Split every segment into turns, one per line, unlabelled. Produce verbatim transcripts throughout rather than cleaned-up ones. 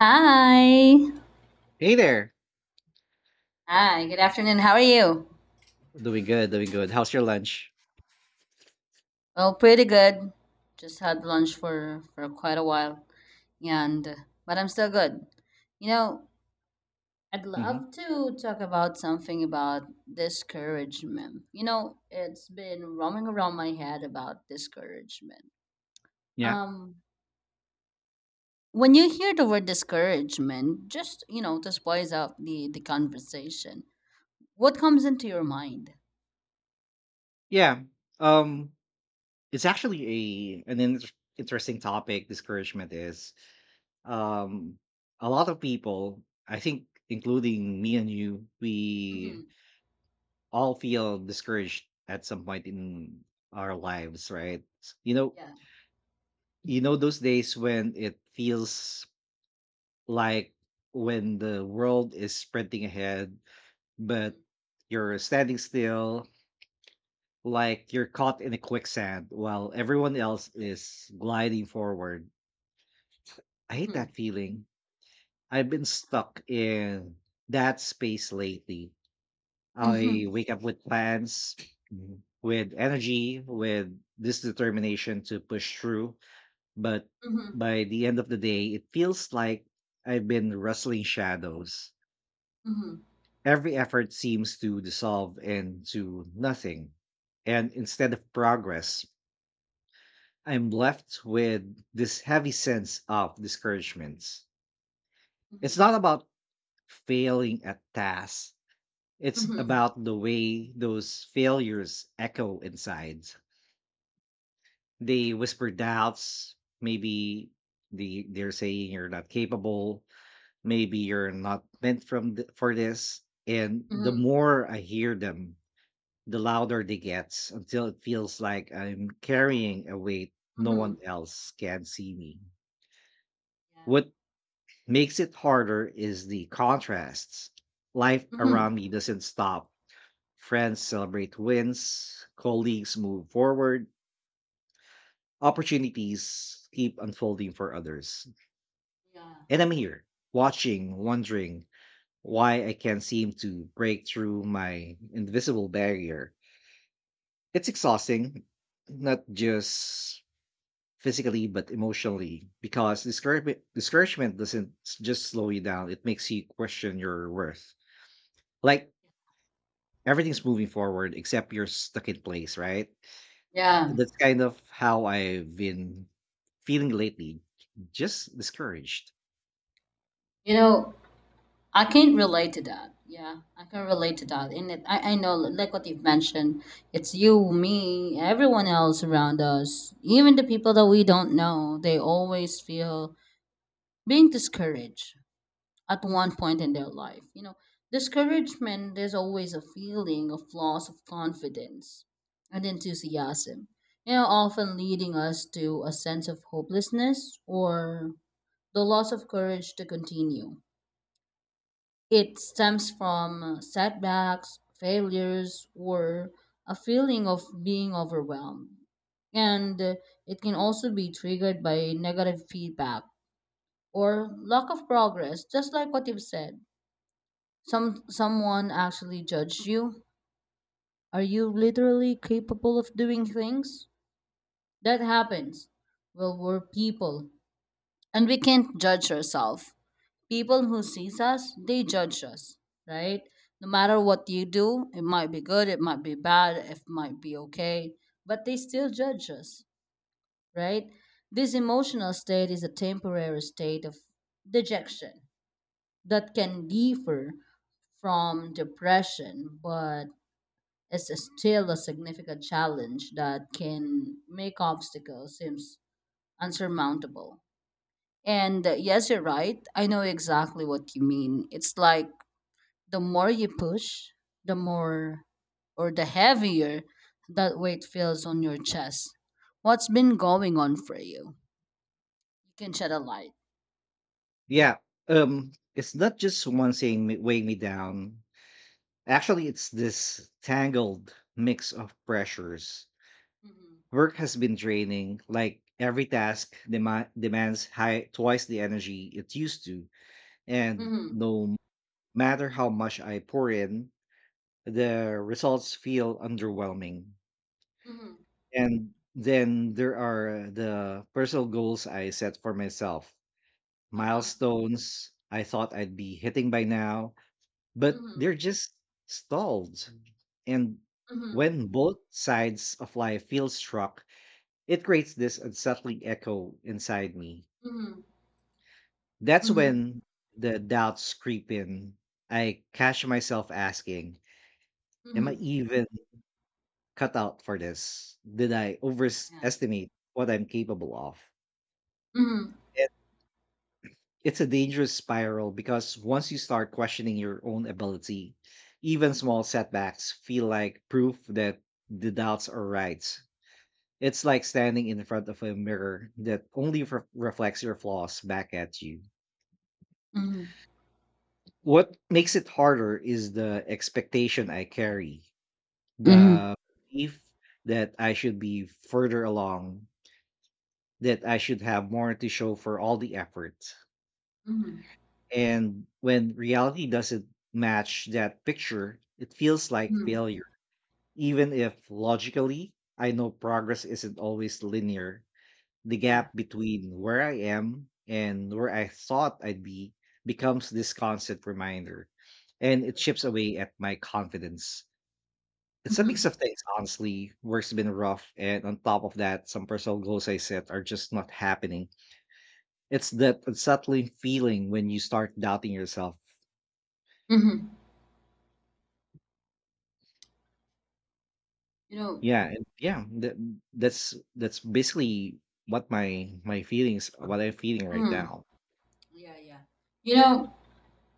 Hi.
Hey there.
Hi, good afternoon. How are you?
Doing good, doing good. How's your lunch?
Well, pretty good. Just had lunch for for quite a while. And uh, But I'm still good. You know, I'd
hmm
love to talk about something about discouragement. You know, it's been roaming around my head about discouragement.
Yeah.
Um when you hear the word discouragement, just, you know, to spice up the the conversation, what comes into your mind?
Yeah. Um it's actually a an in- interesting topic discouragement is. Um a lot of people, I think including me and you, we
Mhm.
all feel discouraged at some point in our lives, right? S- You know,
Yeah.
you know those days when it feels like when the world is sprinting ahead, but
Mhm.
you're standing still. Like you're caught in a quicksand while everyone else is gliding forward. I hate
Mhm.
that feeling. I've been stuck in that space lately. I
Mhm.
wake up with plans, mhm, with energy, with this determination to push through. But
Mhm.
by the end of the day, it feels like I've been wrestling shadows.
Mhm,
Every effort seems to dissolve into nothing. And instead of progress, I'm left with this heavy sense of discouragement. It's
mhm,
not about failing at tasks, it's
mhm,
about the way those failures echo inside. They whisper doubts, maybe the they're saying you're not capable, maybe you're not meant from th- for this. And the
mhm,
more I hear them, the louder they get until it feels like I'm carrying a weight no one
mhm.
else can see me.
Yeah.
What makes it harder is the contrasts. Life around
Mhm.
me doesn't stop. Friends
Correct.
celebrate wins, colleagues move forward, opportunities keep unfolding for others.
Yeah.
And I'm here, watching, wondering why I can't seem to break through my invisible barrier. It's exhausting, not just physically but emotionally because discouragement discouragement doesn't s- just slow you down, it makes you question your worth, like everything's moving forward except you're stuck in place, right?
Yeah.
That's kind of how I've been feeling lately, just discouraged.
You know, I can relate to that. Yeah, I can relate to that. And it, I, I know, like what you've mentioned, it's you, me, everyone else around us, even the people that we don't know, they always feel being discouraged at one point in their life. You know, discouragement is always a feeling of loss of confidence and enthusiasm, you know, often leading us to a sense of hopelessness or the loss of courage to continue. It stems from setbacks, failures, or a feeling of being overwhelmed. And uh, It can also be triggered by negative feedback or lack of progress, just like what you've said. Some someone actually judged you? Are you literally capable of doing things? That happens. Well, we're people, and we can't judge ourselves. People who sees us, they judge us, right? No matter what you do, it might be good, it might be bad, it might be okay, but they still judge us, right? This emotional state is a temporary state of dejection that can differ from depression, but is still a significant challenge that can make obstacles seems unsurmountable. And uh, Yes, you're right. I know exactly what you mean. It's like the more you push, the more or the heavier that weight feels on your chest. What's been going on for you? You can shed a light.
Yeah, um, it's not just one thing weighing me down. Actually, it's this tangled mix of pressures.
Mm-hmm.
Work has been draining, like every task dema- demands high twice the energy it used to, and
Mm-hmm.
no matter how much I pour in, the results feel underwhelming.
Mm-hmm.
And then there are the personal goals I set for myself,
Uh-huh.
milestones I thought I'd be hitting by now, but
Mm-hmm.
they're just stalled. And
Mm-hmm.
when both sides of life feel struck, it creates this unsettling echo inside me. That's
Mm-hmm.
when the doubts creep in. I catch myself asking,
Hmm,
am I
hmm.
even cut out for this? Did I
Yeah.
overestimate what I'm capable of?
Mm-hmm.
It's a dangerous spiral because once you start questioning your own ability, even small setbacks feel like proof that the doubts are right. It's like standing in front of a mirror that only re- reflects your flaws back at you.
Mm-hmm.
What makes it harder is the expectation I carry,
Mm-hmm.
the belief that I should be further along, that I should have more to show for all the effort.
Mm-hmm.
And when reality doesn't match that picture, it feels like
Hmm.
failure. Even if logically, I know progress isn't always linear, the
Yeah.
gap between where I am and where I thought I'd be becomes this constant reminder, and it chips away at my confidence. It's a mix
Mhm.
of things, honestly. Work's been rough, and on top of that, some personal goals I set are just not happening. It's that unsettling feeling when you start doubting yourself.
Mhm. You know,
Yeah, and yeah, that that's that's basically what my my feelings, what I'm feeling right
mhm.
now.
Yeah, yeah. You know,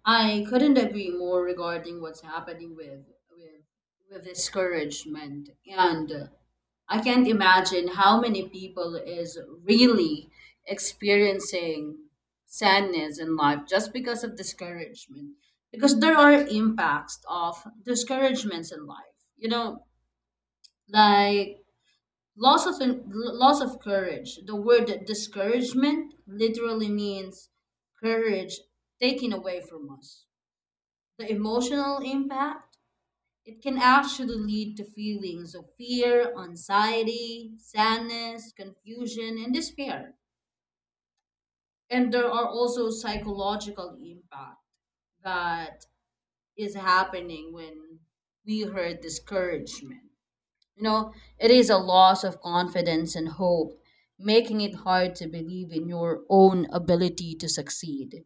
I couldn't agree more regarding what's happening with with with discouragement, and uh, I can't imagine how many people is really experiencing sadness in life just because of discouragement. Because there are impacts of discouragements in life. You know, like Loss of loss of courage. The word discouragement literally means courage taken away from us. The emotional impact, it can actually lead to feelings of fear, anxiety, sadness, confusion, and despair. And there are also psychological impact that is happening when we heard discouragement. You know, it is a loss of confidence and hope, making it hard to believe in your own ability to succeed.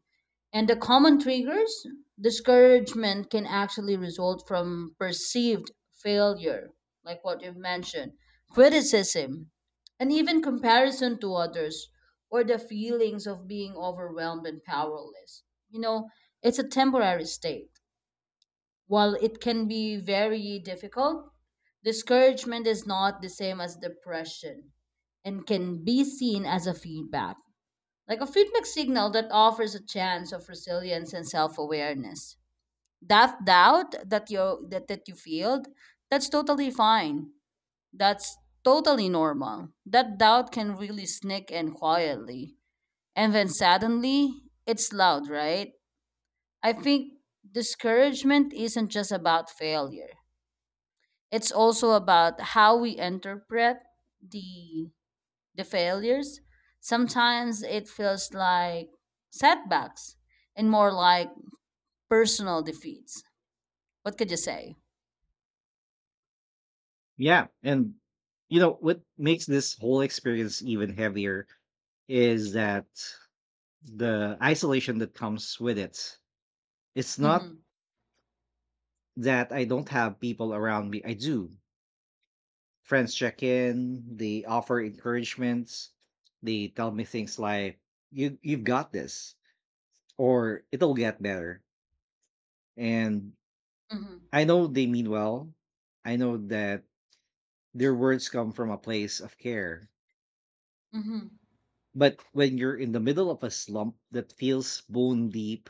And the common triggers, discouragement can actually result from perceived failure, like what you've mentioned, criticism, and even comparison to others, or the feelings of being overwhelmed and powerless. You know, it's a temporary state. While it can be very difficult, discouragement is not the same as depression and can be seen as a feedback, like a feedback signal that offers a chance of resilience and self awareness. That doubt that you that, that you feel, that's totally fine. That's totally normal. That doubt can really sneak in quietly. And then suddenly it's loud, right? I think discouragement isn't just about failure, it's also about how we interpret the the failures. Sometimes it feels like setbacks and more like personal defeats. What could you say?
Yeah, and you know what makes this whole experience even heavier is that the isolation that comes with it. It's not
Mhm.
that I don't have people around me. I do. Friends check in, they offer encouragement, they tell me things like you you've got this, or it'll get better. And
Mhm.
I know they mean well. I know that their words come from a place of care.
Mhm.
But when you're in the middle of a slump that feels bone deep,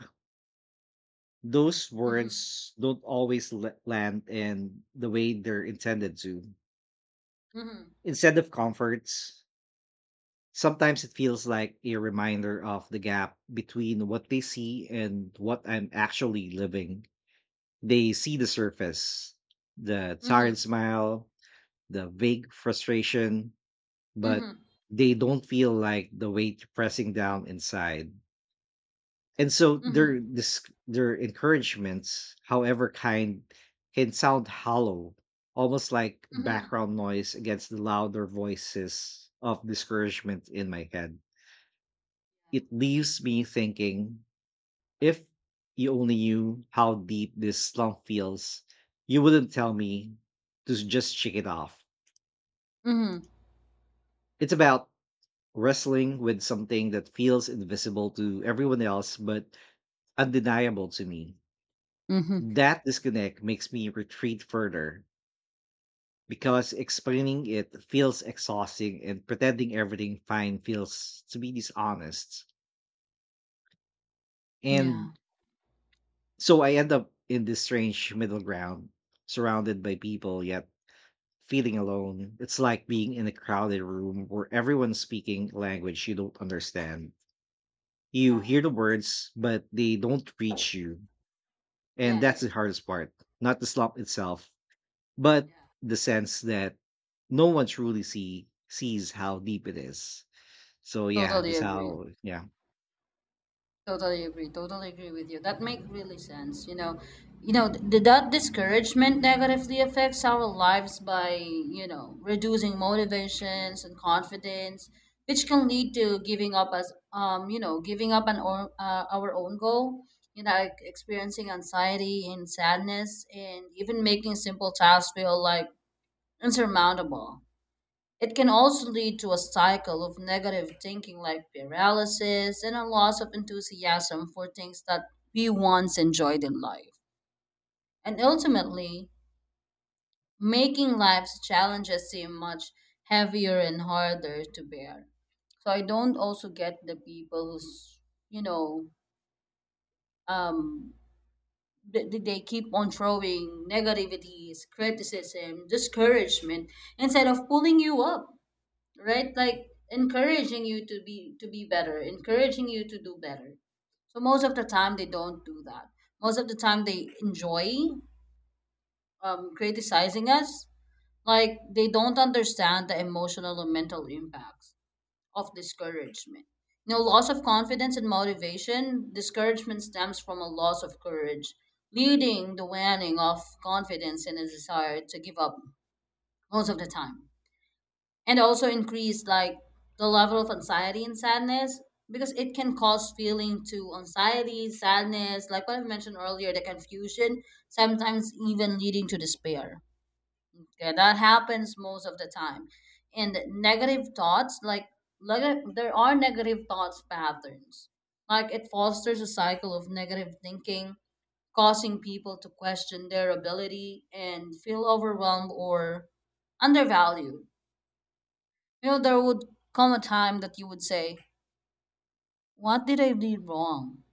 those
Mhm.
words don't always la- land in the way they're intended to.
Mhm.
Instead of comforts, sometimes it feels like a reminder of the gap between what they see and what I'm actually living. They see the surface, the tired
Mhm.
smile, the vague frustration, but
Mhm.
they don't feel like the weight pressing down inside. And so their
Mhm.
this their encouragements, however kind, can sound hollow, almost like
Mhm.
background noise against the louder voices of discouragement in my head. It leaves me thinking, if you only knew how deep this slump feels, you wouldn't tell me to s- just shake it off.
Mhm.
It's about wrestling with something that feels invisible to everyone else but undeniable to me.
Mhm.
That disconnect makes me retreat further because explaining it feels exhausting and pretending everything fine feels to be dishonest.
Yeah.
And so I end up in this strange middle ground, surrounded by people yet feeling alone. It's like being in a crowded room where everyone's speaking language you don't understand. You
Yeah.
hear the words, but they don't reach you. And
Yeah. Yeah.
that's the
Yeah.
hardest part, not the slump itself, but
Yeah.
the sense that no one truly see sees how deep it is. So yeah,
Totally
that's
agree.
how. Yeah.
Totally agree. Totally agree with you. That make really sense. You know, you know, th- that discouragement negatively affects our lives by, you know, reducing motivations and confidence, which can lead to giving up as, um, you know, giving up an or, uh, our own goal. You know, like experiencing anxiety and sadness, and even making simple tasks feel like insurmountable. It can also lead to a cycle of negative thinking like paralysis and a loss of enthusiasm for things that we once enjoyed in life. And ultimately, making life's challenges seem much heavier and harder to bear. So I don't also get the people who's, you know, um, th- th- they keep on throwing negativities, criticism, discouragement instead of pulling you up, right? Like encouraging you to be to be better, encouraging you to do better. So most of the time they don't do that. Most of the time they enjoy, um, criticizing us, like they don't understand the emotional and mental impacts of discouragement. You know loss of confidence and motivation. Discouragement stems from a loss of courage, leading the waning of confidence and a desire to give up most of the time. And also increase like the level of anxiety and sadness, because it can cause feeling to anxiety, sadness, like what I mentioned earlier, the confusion, sometimes even leading to despair. Okay, that happens most of the time. And negative thoughts, like neg- there are negative thoughts patterns, like it fosters a cycle of negative thinking, causing people to question their ability and feel overwhelmed or undervalued. You know, there would come a time that you would say, what did I do wrong?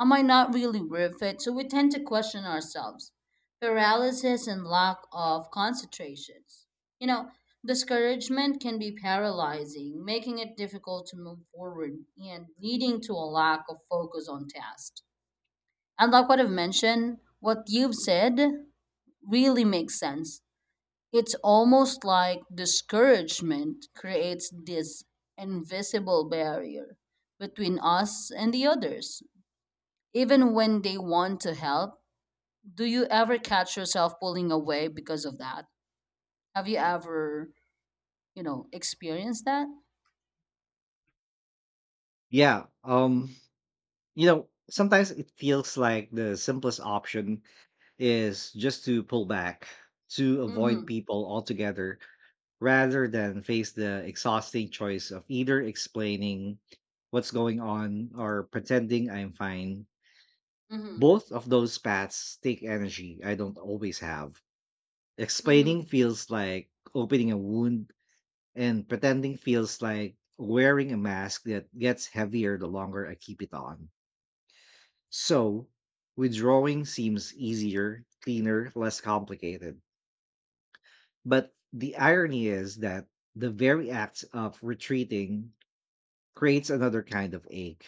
Am I not really worth it? So we tend to question ourselves. Paralysis and lack of concentrations. You know, Discouragement can be paralyzing, making it difficult to move forward and leading to a lack of focus on tasks. And like what I've mentioned, what you've said really makes sense. It's almost like discouragement creates this invisible barrier between us and the others. Even when they want to help, do you ever catch yourself pulling away because of that? Have you ever, you know, experienced that?
Yeah. Um, you know, sometimes it feels like the simplest option is just to pull back, to avoid
Mm-hmm.
people altogether, rather than face the exhausting choice of either explaining what's going on or pretending I'm fine.
Mm-hmm.
Both of those paths take energy I don't always have. Explaining
Mm-hmm.
feels like opening a wound, and pretending feels like wearing a mask that gets heavier the longer I keep it on. So, withdrawing seems easier, cleaner, less complicated. But the irony is that the very act of retreating creates another kind of ache.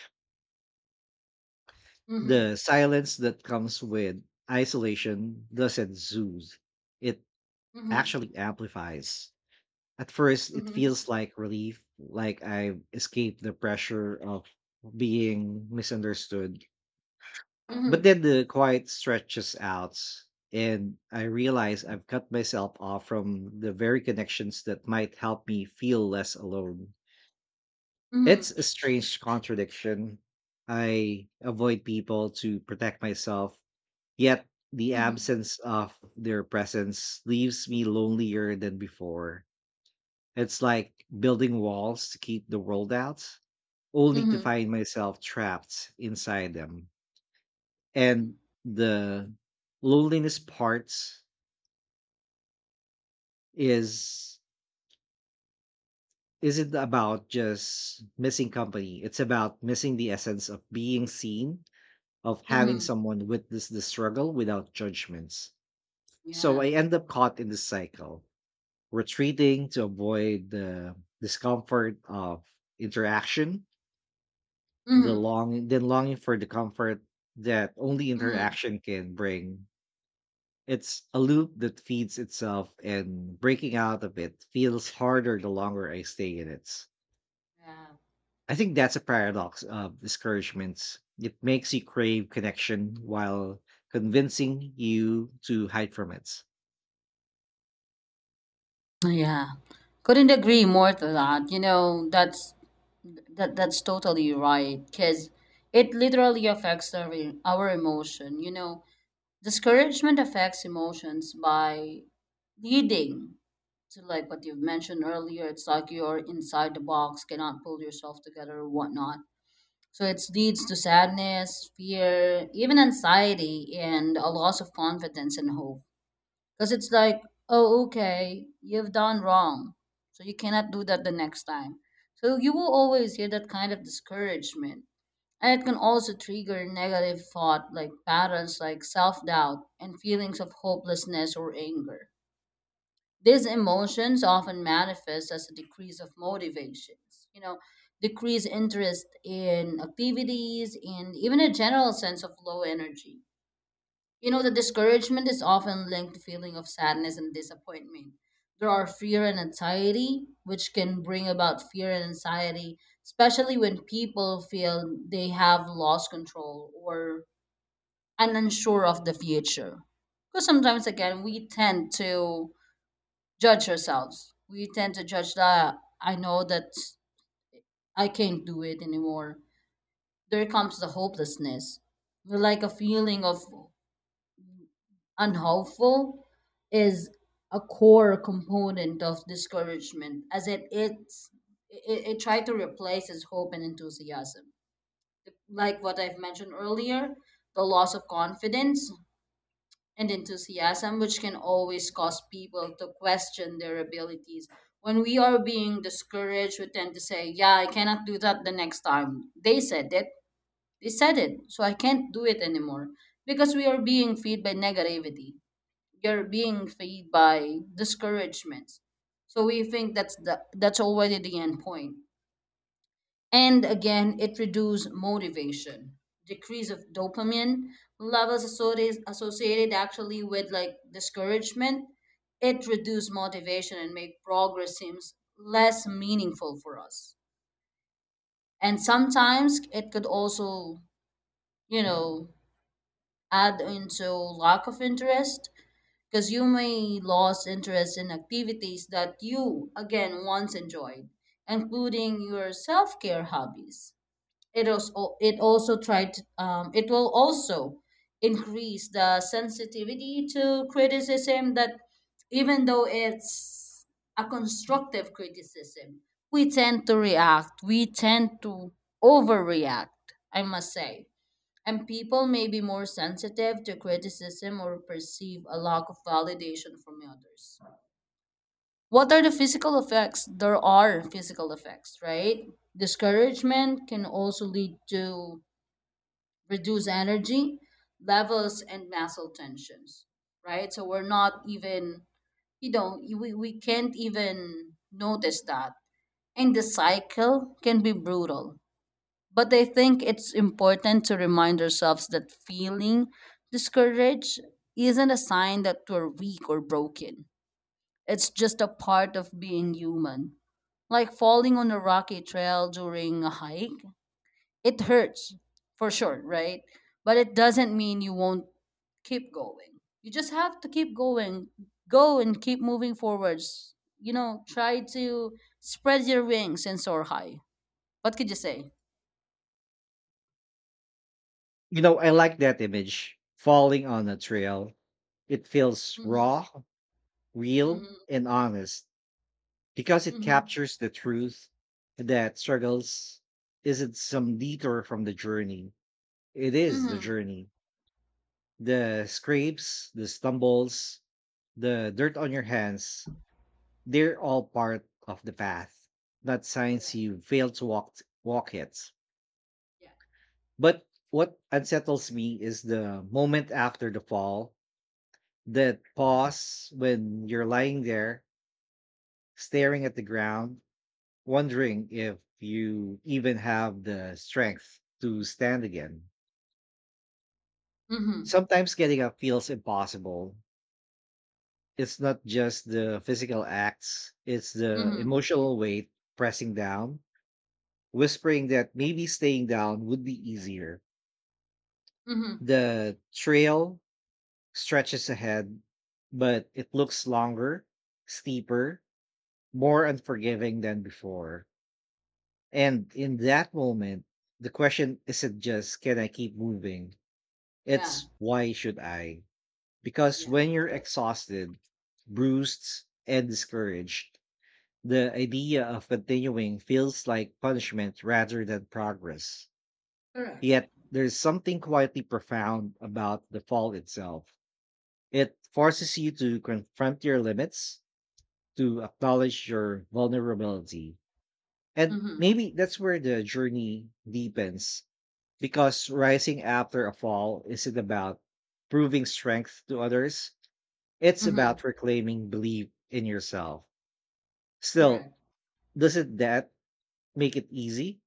Mm-hmm.
The silence that comes with isolation doesn't soothe, it
Mm-hmm.
actually amplifies. At first, it
Mm-hmm.
feels like relief, like I escaped the pressure of being misunderstood. But
Mm-hmm.
then the quiet stretches out, and I realize I've cut myself off from the very connections that might help me feel less alone. It's
Mm-hmm.
a strange contradiction. I avoid people to protect myself, yet the
Mm-hmm.
absence of their presence leaves me lonelier than before. It's like building walls to keep the world out, only to
Mm-hmm.
find myself trapped inside them. And the loneliness part is isn't about just missing company. It's about missing the essence of being seen, of having
Mm-hmm.
someone witness the struggle without judgments. So
Yeah.
I end up caught in this cycle, retreating to avoid the discomfort of interaction. The
Mm-hmm.
long then longing for the comfort that only
Mm-hmm.
interaction can bring. It's a loop that feeds itself and breaking out of it feels harder the longer I stay in it.
Yeah.
I think that's a paradox of discouragements. It makes you crave connection while convincing you to hide from it.
Yeah, couldn't agree more to that. You know, that's that that's totally right because it literally affects our e- our emotion. You know, discouragement affects emotions by leading to, like what you've mentioned earlier, it's like you're inside the box, cannot pull yourself together or whatnot. So it leads to sadness, fear, even anxiety, and a loss of confidence and hope, because it's like, oh, okay, you've done wrong. So you cannot do that the next time. So you will always hear that kind of discouragement. And it can also trigger negative thought, like patterns like self doubt and feelings of hopelessness or anger. These emotions often manifest as a decrease of motivations, you know, decreased interest in activities, and even a general sense of low energy. You know, the discouragement is often linked to feeling of sadness and disappointment. There are fear and anxiety, which can bring about fear and anxiety, especially when people feel they have lost control or are unsure of the future. Because sometimes, again, we tend to judge ourselves. We tend to judge that I know that I can't do it anymore. There comes the hopelessness, like a feeling of unhelpful is a core component of discouragement as it it's it it tried to replace its hope and enthusiasm, like what I've mentioned earlier, the loss of confidence and enthusiasm, which can always cause people to question their abilities. When we are being discouraged, we tend to say, yeah, I cannot do that the next time. They said it, they said it so I can't do it anymore, because we are being fed by negativity. You're being fed by discouragements, so we think that's the that's already the end point. And again, it reduces motivation, decrease of dopamine levels associated associated actually with like discouragement. It reduces motivation and make progress seems less meaningful for us. And sometimes it could also, you know, add into lack of interest, because you may lose interest in activities that you again once enjoyed, including your self-care hobbies. It also it also tried to- um, it will also increase the sensitivity to criticism, that even though it's a constructive criticism, we tend to react, we tend to overreact, I must say. And people may be more sensitive to criticism or perceive a lack of validation from others. What are the physical effects? There are physical effects, right? Discouragement can also lead to reduced energy levels and muscle tensions, right? So we're not even, you know, we, we can't even notice that. And the cycle can be brutal, but I think it's important to remind ourselves that feeling discouraged isn't a sign that we're weak or broken. It's just a part of being human. Like falling on a rocky trail during a hike, it hurts for sure, right? But it doesn't mean you won't keep going. You just have to keep going. Go and keep moving forwards. You know, try to spread your wings and soar high. What could you say?
You know, I like that image. Falling on a trail. It feels
Hmm.
raw, real, and honest. Because it
Mhm.
captures the truth that struggles isn't some detour from the journey. It is the
Mhm.
journey. The scrapes, the stumbles, the dirt on your hands, they're all part of the path, not signs
Correct.
you failed to walk walk it.
Yeah.
But what unsettles me is the moment after the fall, that pause when you're lying there staring at the ground wondering if you even have the strength to stand again.
Mhm.
Sometimes getting up feels impossible. It's not just the physical acts, it's the
Mhm.
emotional weight pressing down, whispering that maybe staying down would be easier.
Mhm.
The trail stretches ahead, but it looks longer, steeper, more unforgiving than before. And in that moment, the question isn't just, can I keep moving?
Yeah.
It's "why should I?" Because
Yeah.
when you're exhausted, bruised, and discouraged, the idea of continuing feels like punishment rather than progress.
Correct.
Yet, there's something quietly profound about the fall itself. It forces you to confront your limits, to acknowledge your vulnerability. And
Mhm.
maybe that's where the journey deepens because rising after a fall isn't about proving strength to others. It's
Mhm.
about reclaiming belief in yourself. Still,
Correct.
doesn't that make it easy?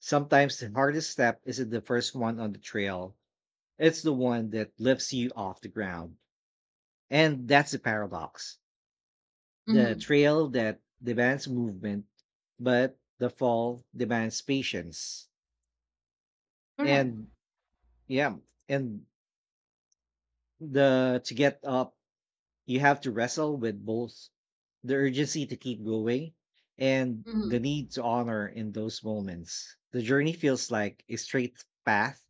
Sometimes the hardest step isn't the first one on the trail, it's the one that lifts you off the ground. And that's the paradox. The
Mhm.
trail that demands movement, but the fall demands patience.
Correct.
And yeah, and the to get up you have to wrestle with both the urgency to keep going and the
Mhm.
need to honor in those moments. The journey feels like a straight path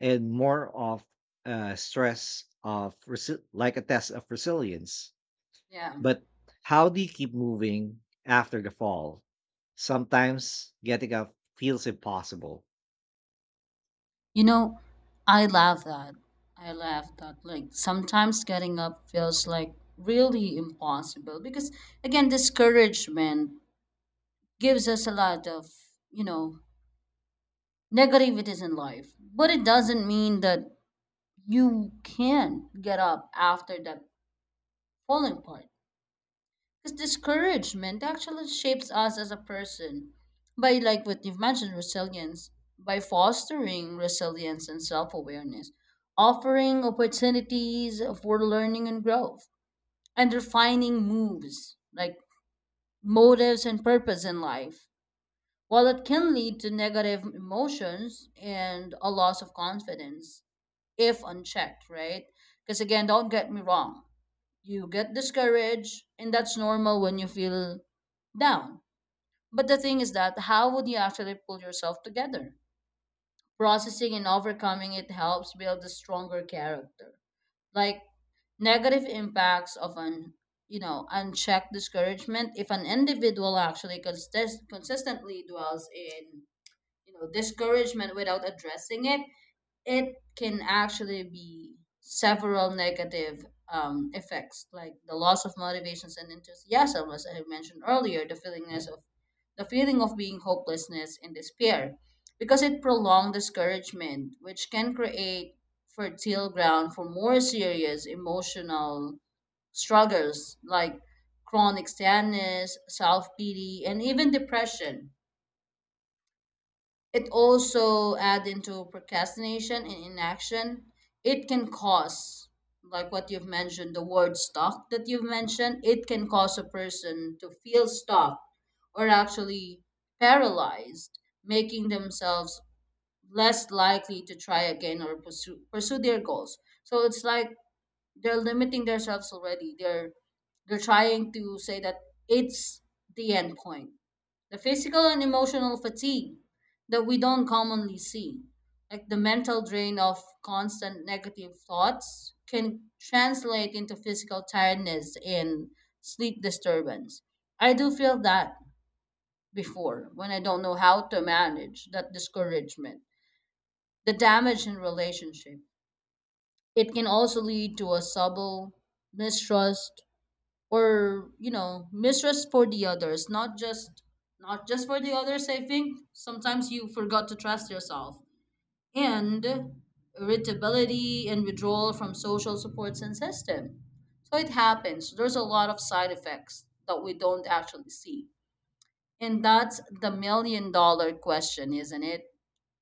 and more of a stress of resi- like a test of resilience.
Yeah.
But how do you keep moving after the fall? Sometimes getting up feels impossible.
You know, I love that. I love that. Like sometimes getting up feels like really impossible because again, discouragement gives us a lot of, you know, negativities in life. But it doesn't mean that you can't get up after that falling part. Because discouragement actually shapes us as a person by, like what you've mentioned, resilience, by fostering resilience and self awareness, offering opportunities for learning and growth, and refining moves like motives and purpose in life. While it can lead to negative emotions and a loss of confidence if unchecked, right? Because again, don't get me wrong, you get discouraged and that's normal when you feel down, but the thing is that how would you actually pull yourself together? Processing and overcoming it helps build a stronger character, like negative impacts of an, you know unchecked discouragement. If an individual actually consist- consistently dwells in, you know discouragement without addressing it, it can actually be several negative um, effects, like the loss of motivations and enthusiasm, as I mentioned earlier, the feelingness of the feeling of being hopelessness and despair, because it prolonged discouragement, which can create fertile ground for more serious emotional struggles like chronic sadness, self pity, and even depression. It also add into procrastination and inaction. It can cause, like what you've mentioned, the word stuck that you've mentioned, it can cause a person to feel stuck or actually paralyzed, making themselves less likely to try again or pursue, pursue their goals. So it's like they're limiting themselves already. They're they're trying to say that it's the end point. The physical and emotional fatigue that we don't commonly see, like the mental drain of constant negative thoughts, can translate into physical tiredness and sleep disturbance. I do feel that before when I don't know how to manage that discouragement, the damage in relationship. It can also lead to a subtle mistrust or, you know mistrust for the others, not just not just for the others. I think sometimes you forgot to trust yourself, and irritability and withdrawal from social support and system. So it happens, there's a lot of side effects that we don't actually see, and that's the million dollar question, isn't it?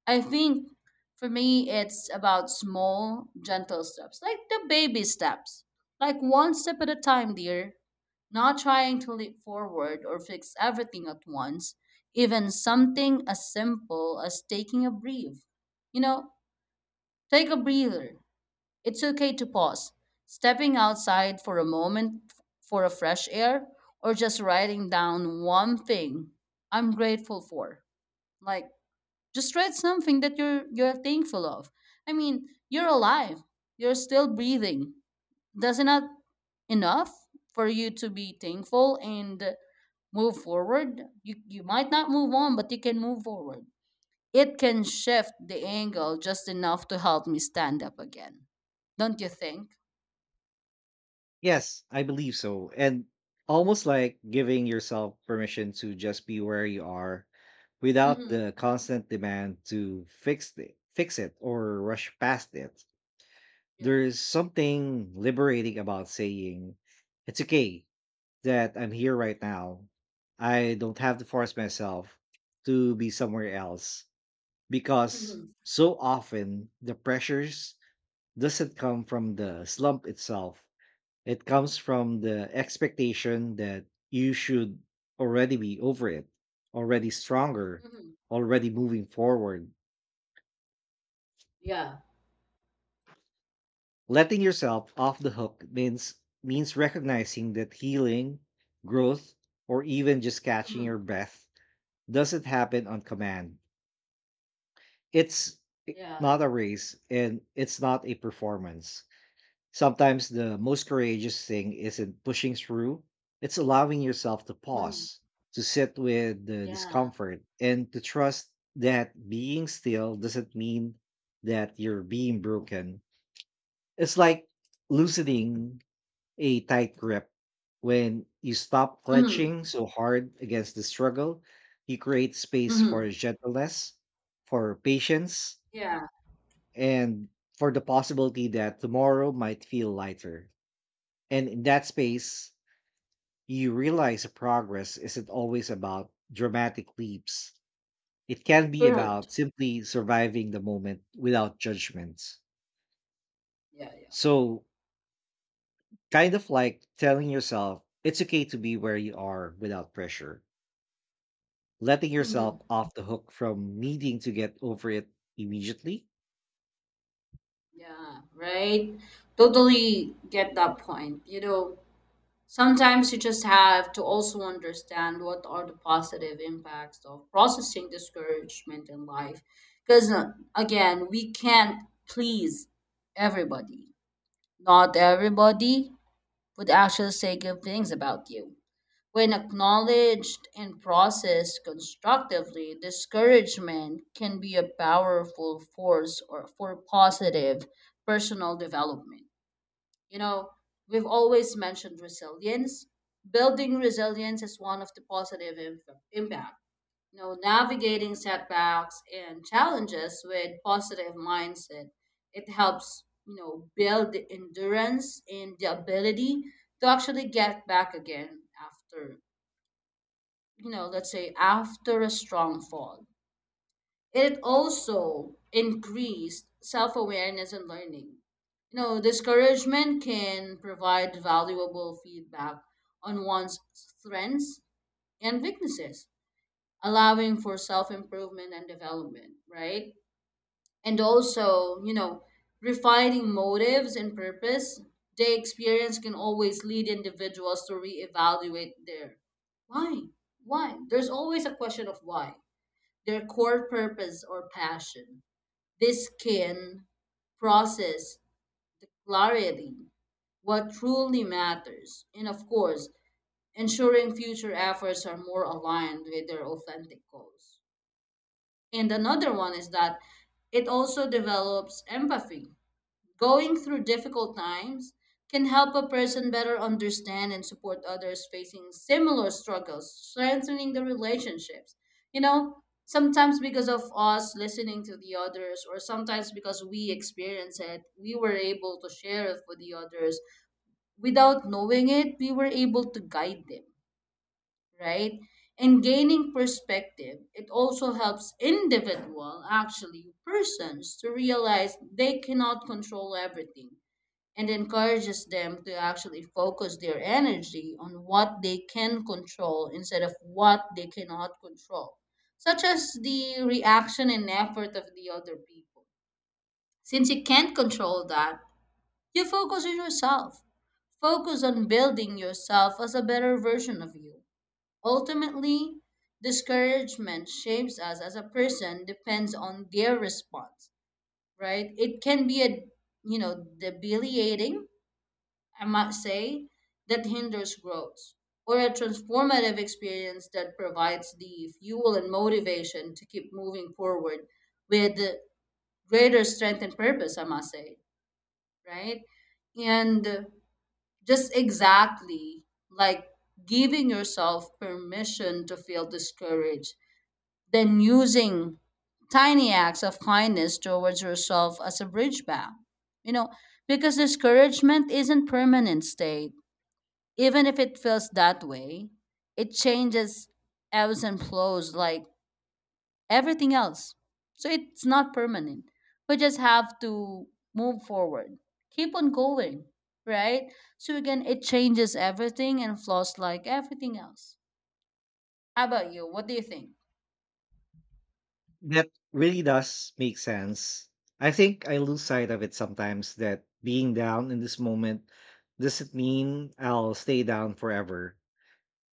I think for me, it's about small, gentle steps, like the baby steps, like one step at a time, dear. Not trying to leap forward or fix everything at once, even something as simple as taking a breath. You know, take a breather. It's okay to pause, stepping outside for a moment for a fresh air, or just writing down one thing I'm grateful for. Like, just write something that you're you're thankful of. I mean, you're alive, you're still breathing. That's not enough for you to be thankful and move forward. you you might not move on, but you can move forward. It can shift the angle just enough to help me stand up again, don't you think?
Yes, I believe so. And almost like giving yourself permission to just be where you are without
Mm-hmm.
the constant demand to fix it, fix it or rush past it.
Yeah.
There is something liberating about saying it's okay that I'm here right now. I don't have to force myself to be somewhere else because
Mm-hmm.
so often the pressures doesn't come from the slump itself, it comes from the expectation that you should already be over it, already stronger,
Mm-hmm.
already moving forward.
Yeah.
Letting yourself off the hook means means recognizing that healing, growth, or even just catching your
Mm-hmm.
breath doesn't happen on command. It's
Yeah,
not
yeah,
a
yeah.
race and it's not a performance. Sometimes the most courageous thing isn't pushing through, it's allowing yourself to
Mm-hmm.
pause, to sit with the
Yeah.
discomfort, and to trust that being still doesn't mean that you're being broken. It's like loosening a tight grip. When you stop
Mm-hmm.
clutching so hard against the struggle, you create space for
Mm-hmm.
gentleness, for patience,
Yeah.
and for the possibility that tomorrow might feel lighter. And in that space, you realize that progress isn't always about dramatic leaps. It can be
Correct.
about simply surviving the moment without judgments.
Yeah, yeah.
So, kind of like telling yourself it's okay to be where you are without pressure, letting
Mm-hmm.
yourself off the hook from needing to get over it immediately.
Yeah, right. Totally get that point. You know, sometimes you just have to also understand what are the positive impacts of processing discouragement in life. Because again, we can't please everybody. Not everybody would actually say good things about you. When acknowledged and processed constructively, discouragement can be a powerful force or for positive personal development. You know, we've always mentioned resilience. Building resilience is one of the positive im- impact. You know, navigating setbacks and challenges with positive mindset, it helps, you know, build the endurance and the ability to actually get back again after, you know, let's say after a strong fall. It also increased self awareness and learning. You know, discouragement can provide valuable feedback on one's strengths and weaknesses, allowing for self improvement and development, right? And also, you know, refining motives and purpose. The experience can always lead individuals to reevaluate their why. Why? There's always a question of why, their core purpose or passion. This can process clarity what truly matters, and of course, ensuring future efforts are more aligned with their authentic goals. And another one is that it also develops empathy. Going through difficult times can help a person better understand and support others facing similar struggles, strengthening the relationships. You know, sometimes because of us listening to the others, or sometimes because we experience it, we were able to share it with the others. Without knowing it, we were able to guide them, right? And gaining perspective, it also helps individual, actually persons, to realize they cannot control everything and encourages them to actually focus their energy on what they can control instead of what they cannot control, such as the reaction and effort of the other people. Since you can't control that, you focus on yourself. Focus on building yourself as a better version of you. Ultimately, discouragement shapes us as a person depends on their response, right? It can be a, you know debilitating, I might say, that hinders growth, or a transformative experience that provides the fuel and motivation to keep moving forward with greater strength and purpose, I must say, right? And just exactly like giving yourself permission to feel discouraged, then using tiny acts of kindness towards yourself as a bridge back. You know, because discouragement isn't permanent state, even if it feels that way, it changes, ebbs and flows like everything else. So it's not permanent. We just have to move forward, keep on going, right? So again, it changes everything and flows like everything else. How about you? What do you think?
That really does make sense. I think I lose sight of it sometimes that being down in this moment doesn't mean I'll stay down forever.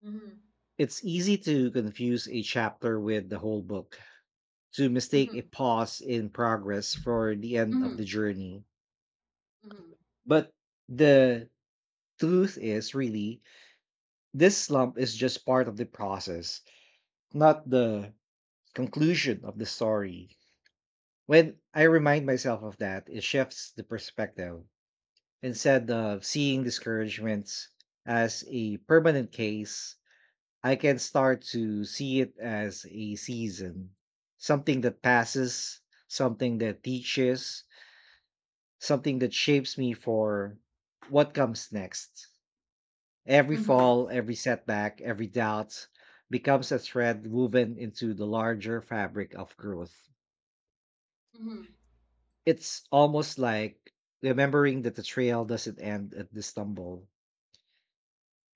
Mm-hmm.
It's easy to confuse a chapter with the whole book, to mistake a
Mm-hmm.
pause in progress for the end of
Mm-hmm.
the journey.
Mm-hmm.
But the truth is really, this slump is just part of the process, not the conclusion of the story. When I remind myself of that, it shifts the perspective. Instead of seeing discouragements as a permanent case, I can start to see it as a season, something that passes, something that teaches, something that shapes me for what comes next. Every
Mm-hmm.
fall, every setback, every doubt becomes a thread woven into the larger fabric of growth.
Mm-hmm.
It's almost like remembering that the trail doesn't end at the stumble.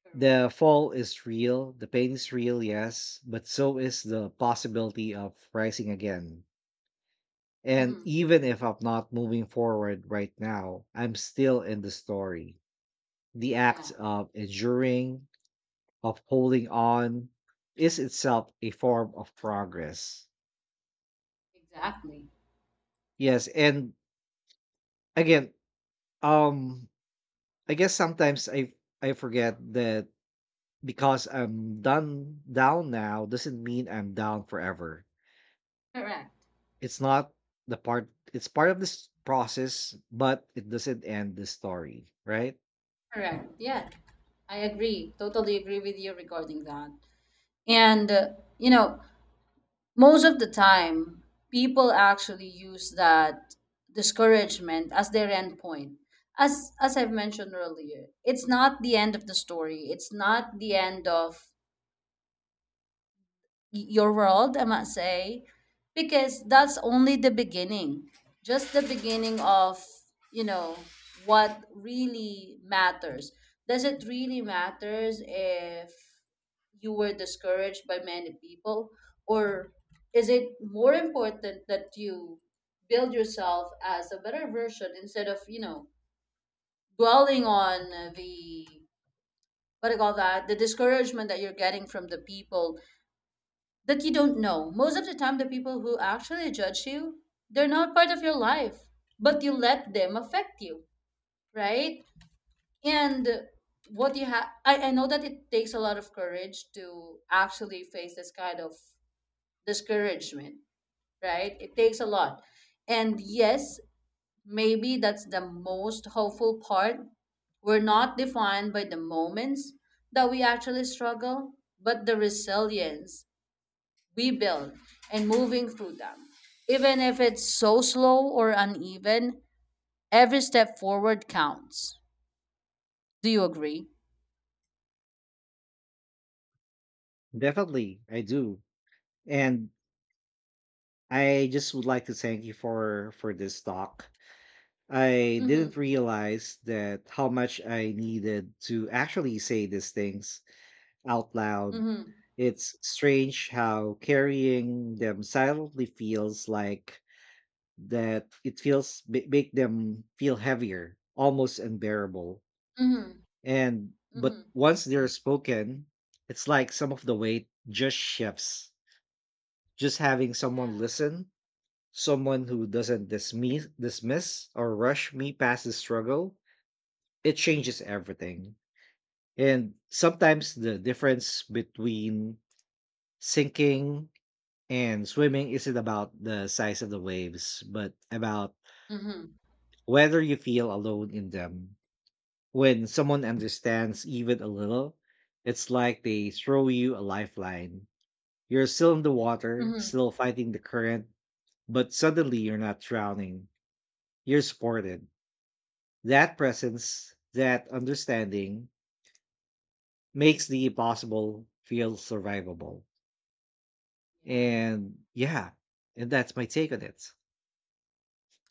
Correct.
The fall is real, the pain is real, yes, but so is the possibility of rising again. And
Mm-hmm.
even if I'm not moving forward right now, I'm still in the story. The
Yeah,
act of enduring, of holding on, is itself a form of progress.
exactly.
Yes, and again, um, I guess sometimes I I forget that because I'm done down now doesn't mean I'm down forever.
Correct.
It's not the part it's part of this process, but it doesn't end the story, right?
Correct. Yeah, I agree. Totally agree with you regarding that. And, uh, you know, most of the time, people actually use that discouragement as their end point. As, as I've mentioned earlier, it's not the end of the story. It's not the end of your world, I must say, because that's only the beginning, just the beginning of, you know, what really matters. Does it really matters if you were discouraged by many people, or is it more important that you build yourself as a better version instead of, you know, dwelling on the what do you call that, the discouragement that you're getting from the people that you don't know. Most of the time, the people who actually judge you, they're not part of your life, but you let them affect you, right? And what you have, I, I know that it takes a lot of courage to actually face this kind of discouragement, right? It takes a lot. And yes, maybe that's the most hopeful part. We're not defined by the moments that we actually struggle, but the resilience we build and moving through them. Even if it's so slow or uneven, every step forward counts. Do you agree?
Definitely, I do. And I just would like to thank you for for this talk. I didn't
Mm-hmm.
realize that how much I needed to actually say these things out loud.
Mm-hmm.
It's strange how carrying them silently feels like that it feels ma- make them feel heavier, almost unbearable.
Mm-hmm.
And but
Mm-hmm.
once they're spoken, it's like some of the weight just shifts. Just having someone
Yeah.
listen, someone who doesn't dismiss dismiss or rush me past the struggle, it changes everything. And sometimes the difference between sinking and swimming isn't about the size of the waves, but about
Mm-hmm.
whether you feel alone in them. When someone understands even a little, it's like they throw you a lifeline. You're still in the water,
Mm-hmm.
still fighting the current, but suddenly you're not drowning. You're supported. That presence, that understanding makes the impossible feel survivable.
Yeah.
And yeah, and that's my take on it.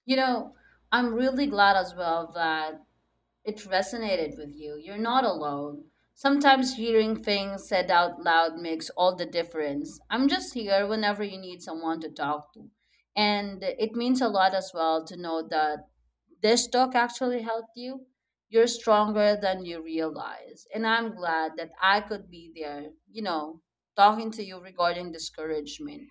You know, I'm really glad as well that it resonated with you. You're not alone. Sometimes hearing things said out loud makes all the difference. I'm just here whenever you need someone to talk to. And it means a lot as well to know that this talk actually helped you. You're stronger than you realize. And I'm glad that I could be there, you know, talking to you regarding discouragement.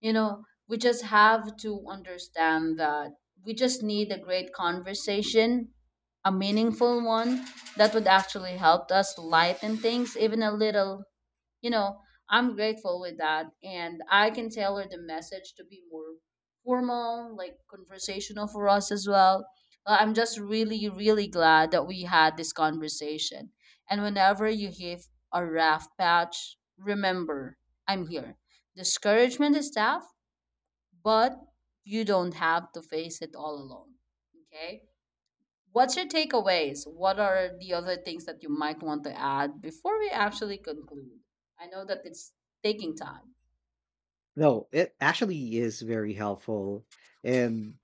You know, we just have to understand that we just need a great conversation, a meaningful one that would actually help us lighten things even a little, you know. I'm grateful with that, and I can tailor the message to be more formal like conversational for us as well. Uh, I'm just really really glad that we had this conversation, and whenever you hit a rough patch, remember, I'm here. Discouragement is tough, but you don't have to face it all alone, okay? What's your takeaways? What are the other things that you might want to add before we actually conclude? I know that it's taking time.
No, it actually is very helpful. And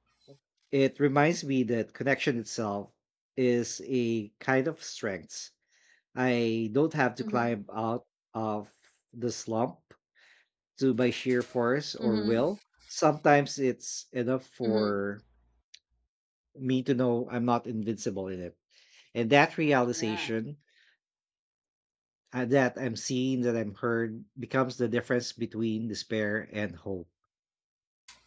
it reminds me that connection itself is a kind of strength. I don't have to
Mm-hmm.
climb out of the slump to my sheer force or
Mm-hmm.
will. Sometimes it's enough
Mm-hmm.
for me to know I'm not invincible in it. And that
Yeah.
realization, uh, that I'm seen, that I'm heard, becomes the difference between despair and hope.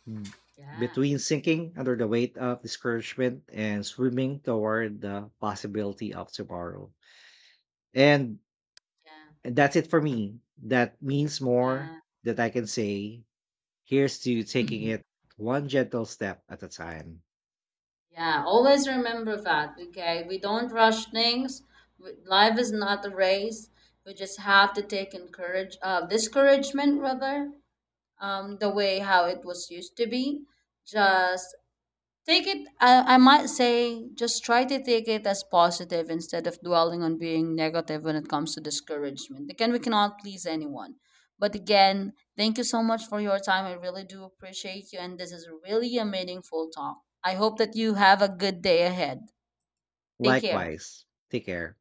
Mm.
Yeah.
Between sinking under the weight of discouragement and swimming toward the possibility of tomorrow. And
Yeah.
that's it for me. That means more
Yeah.
that I can say. Here's to taking
Mhm.
it one gentle step at a time.
Yeah. Always remember that. Okay. We don't rush things. We- Life is not a race. We just have to take encourage uh, discouragement rather, um, the way how it was used to be. Just take it, I, I might say, just try to take it as positive instead of dwelling on being negative when it comes to discouragement. Again, we cannot please anyone. But again, thank you so much for your time. I really do appreciate you. And this is really a meaningful talk. I hope that you have a good day ahead. Take care.
Likewise, take care.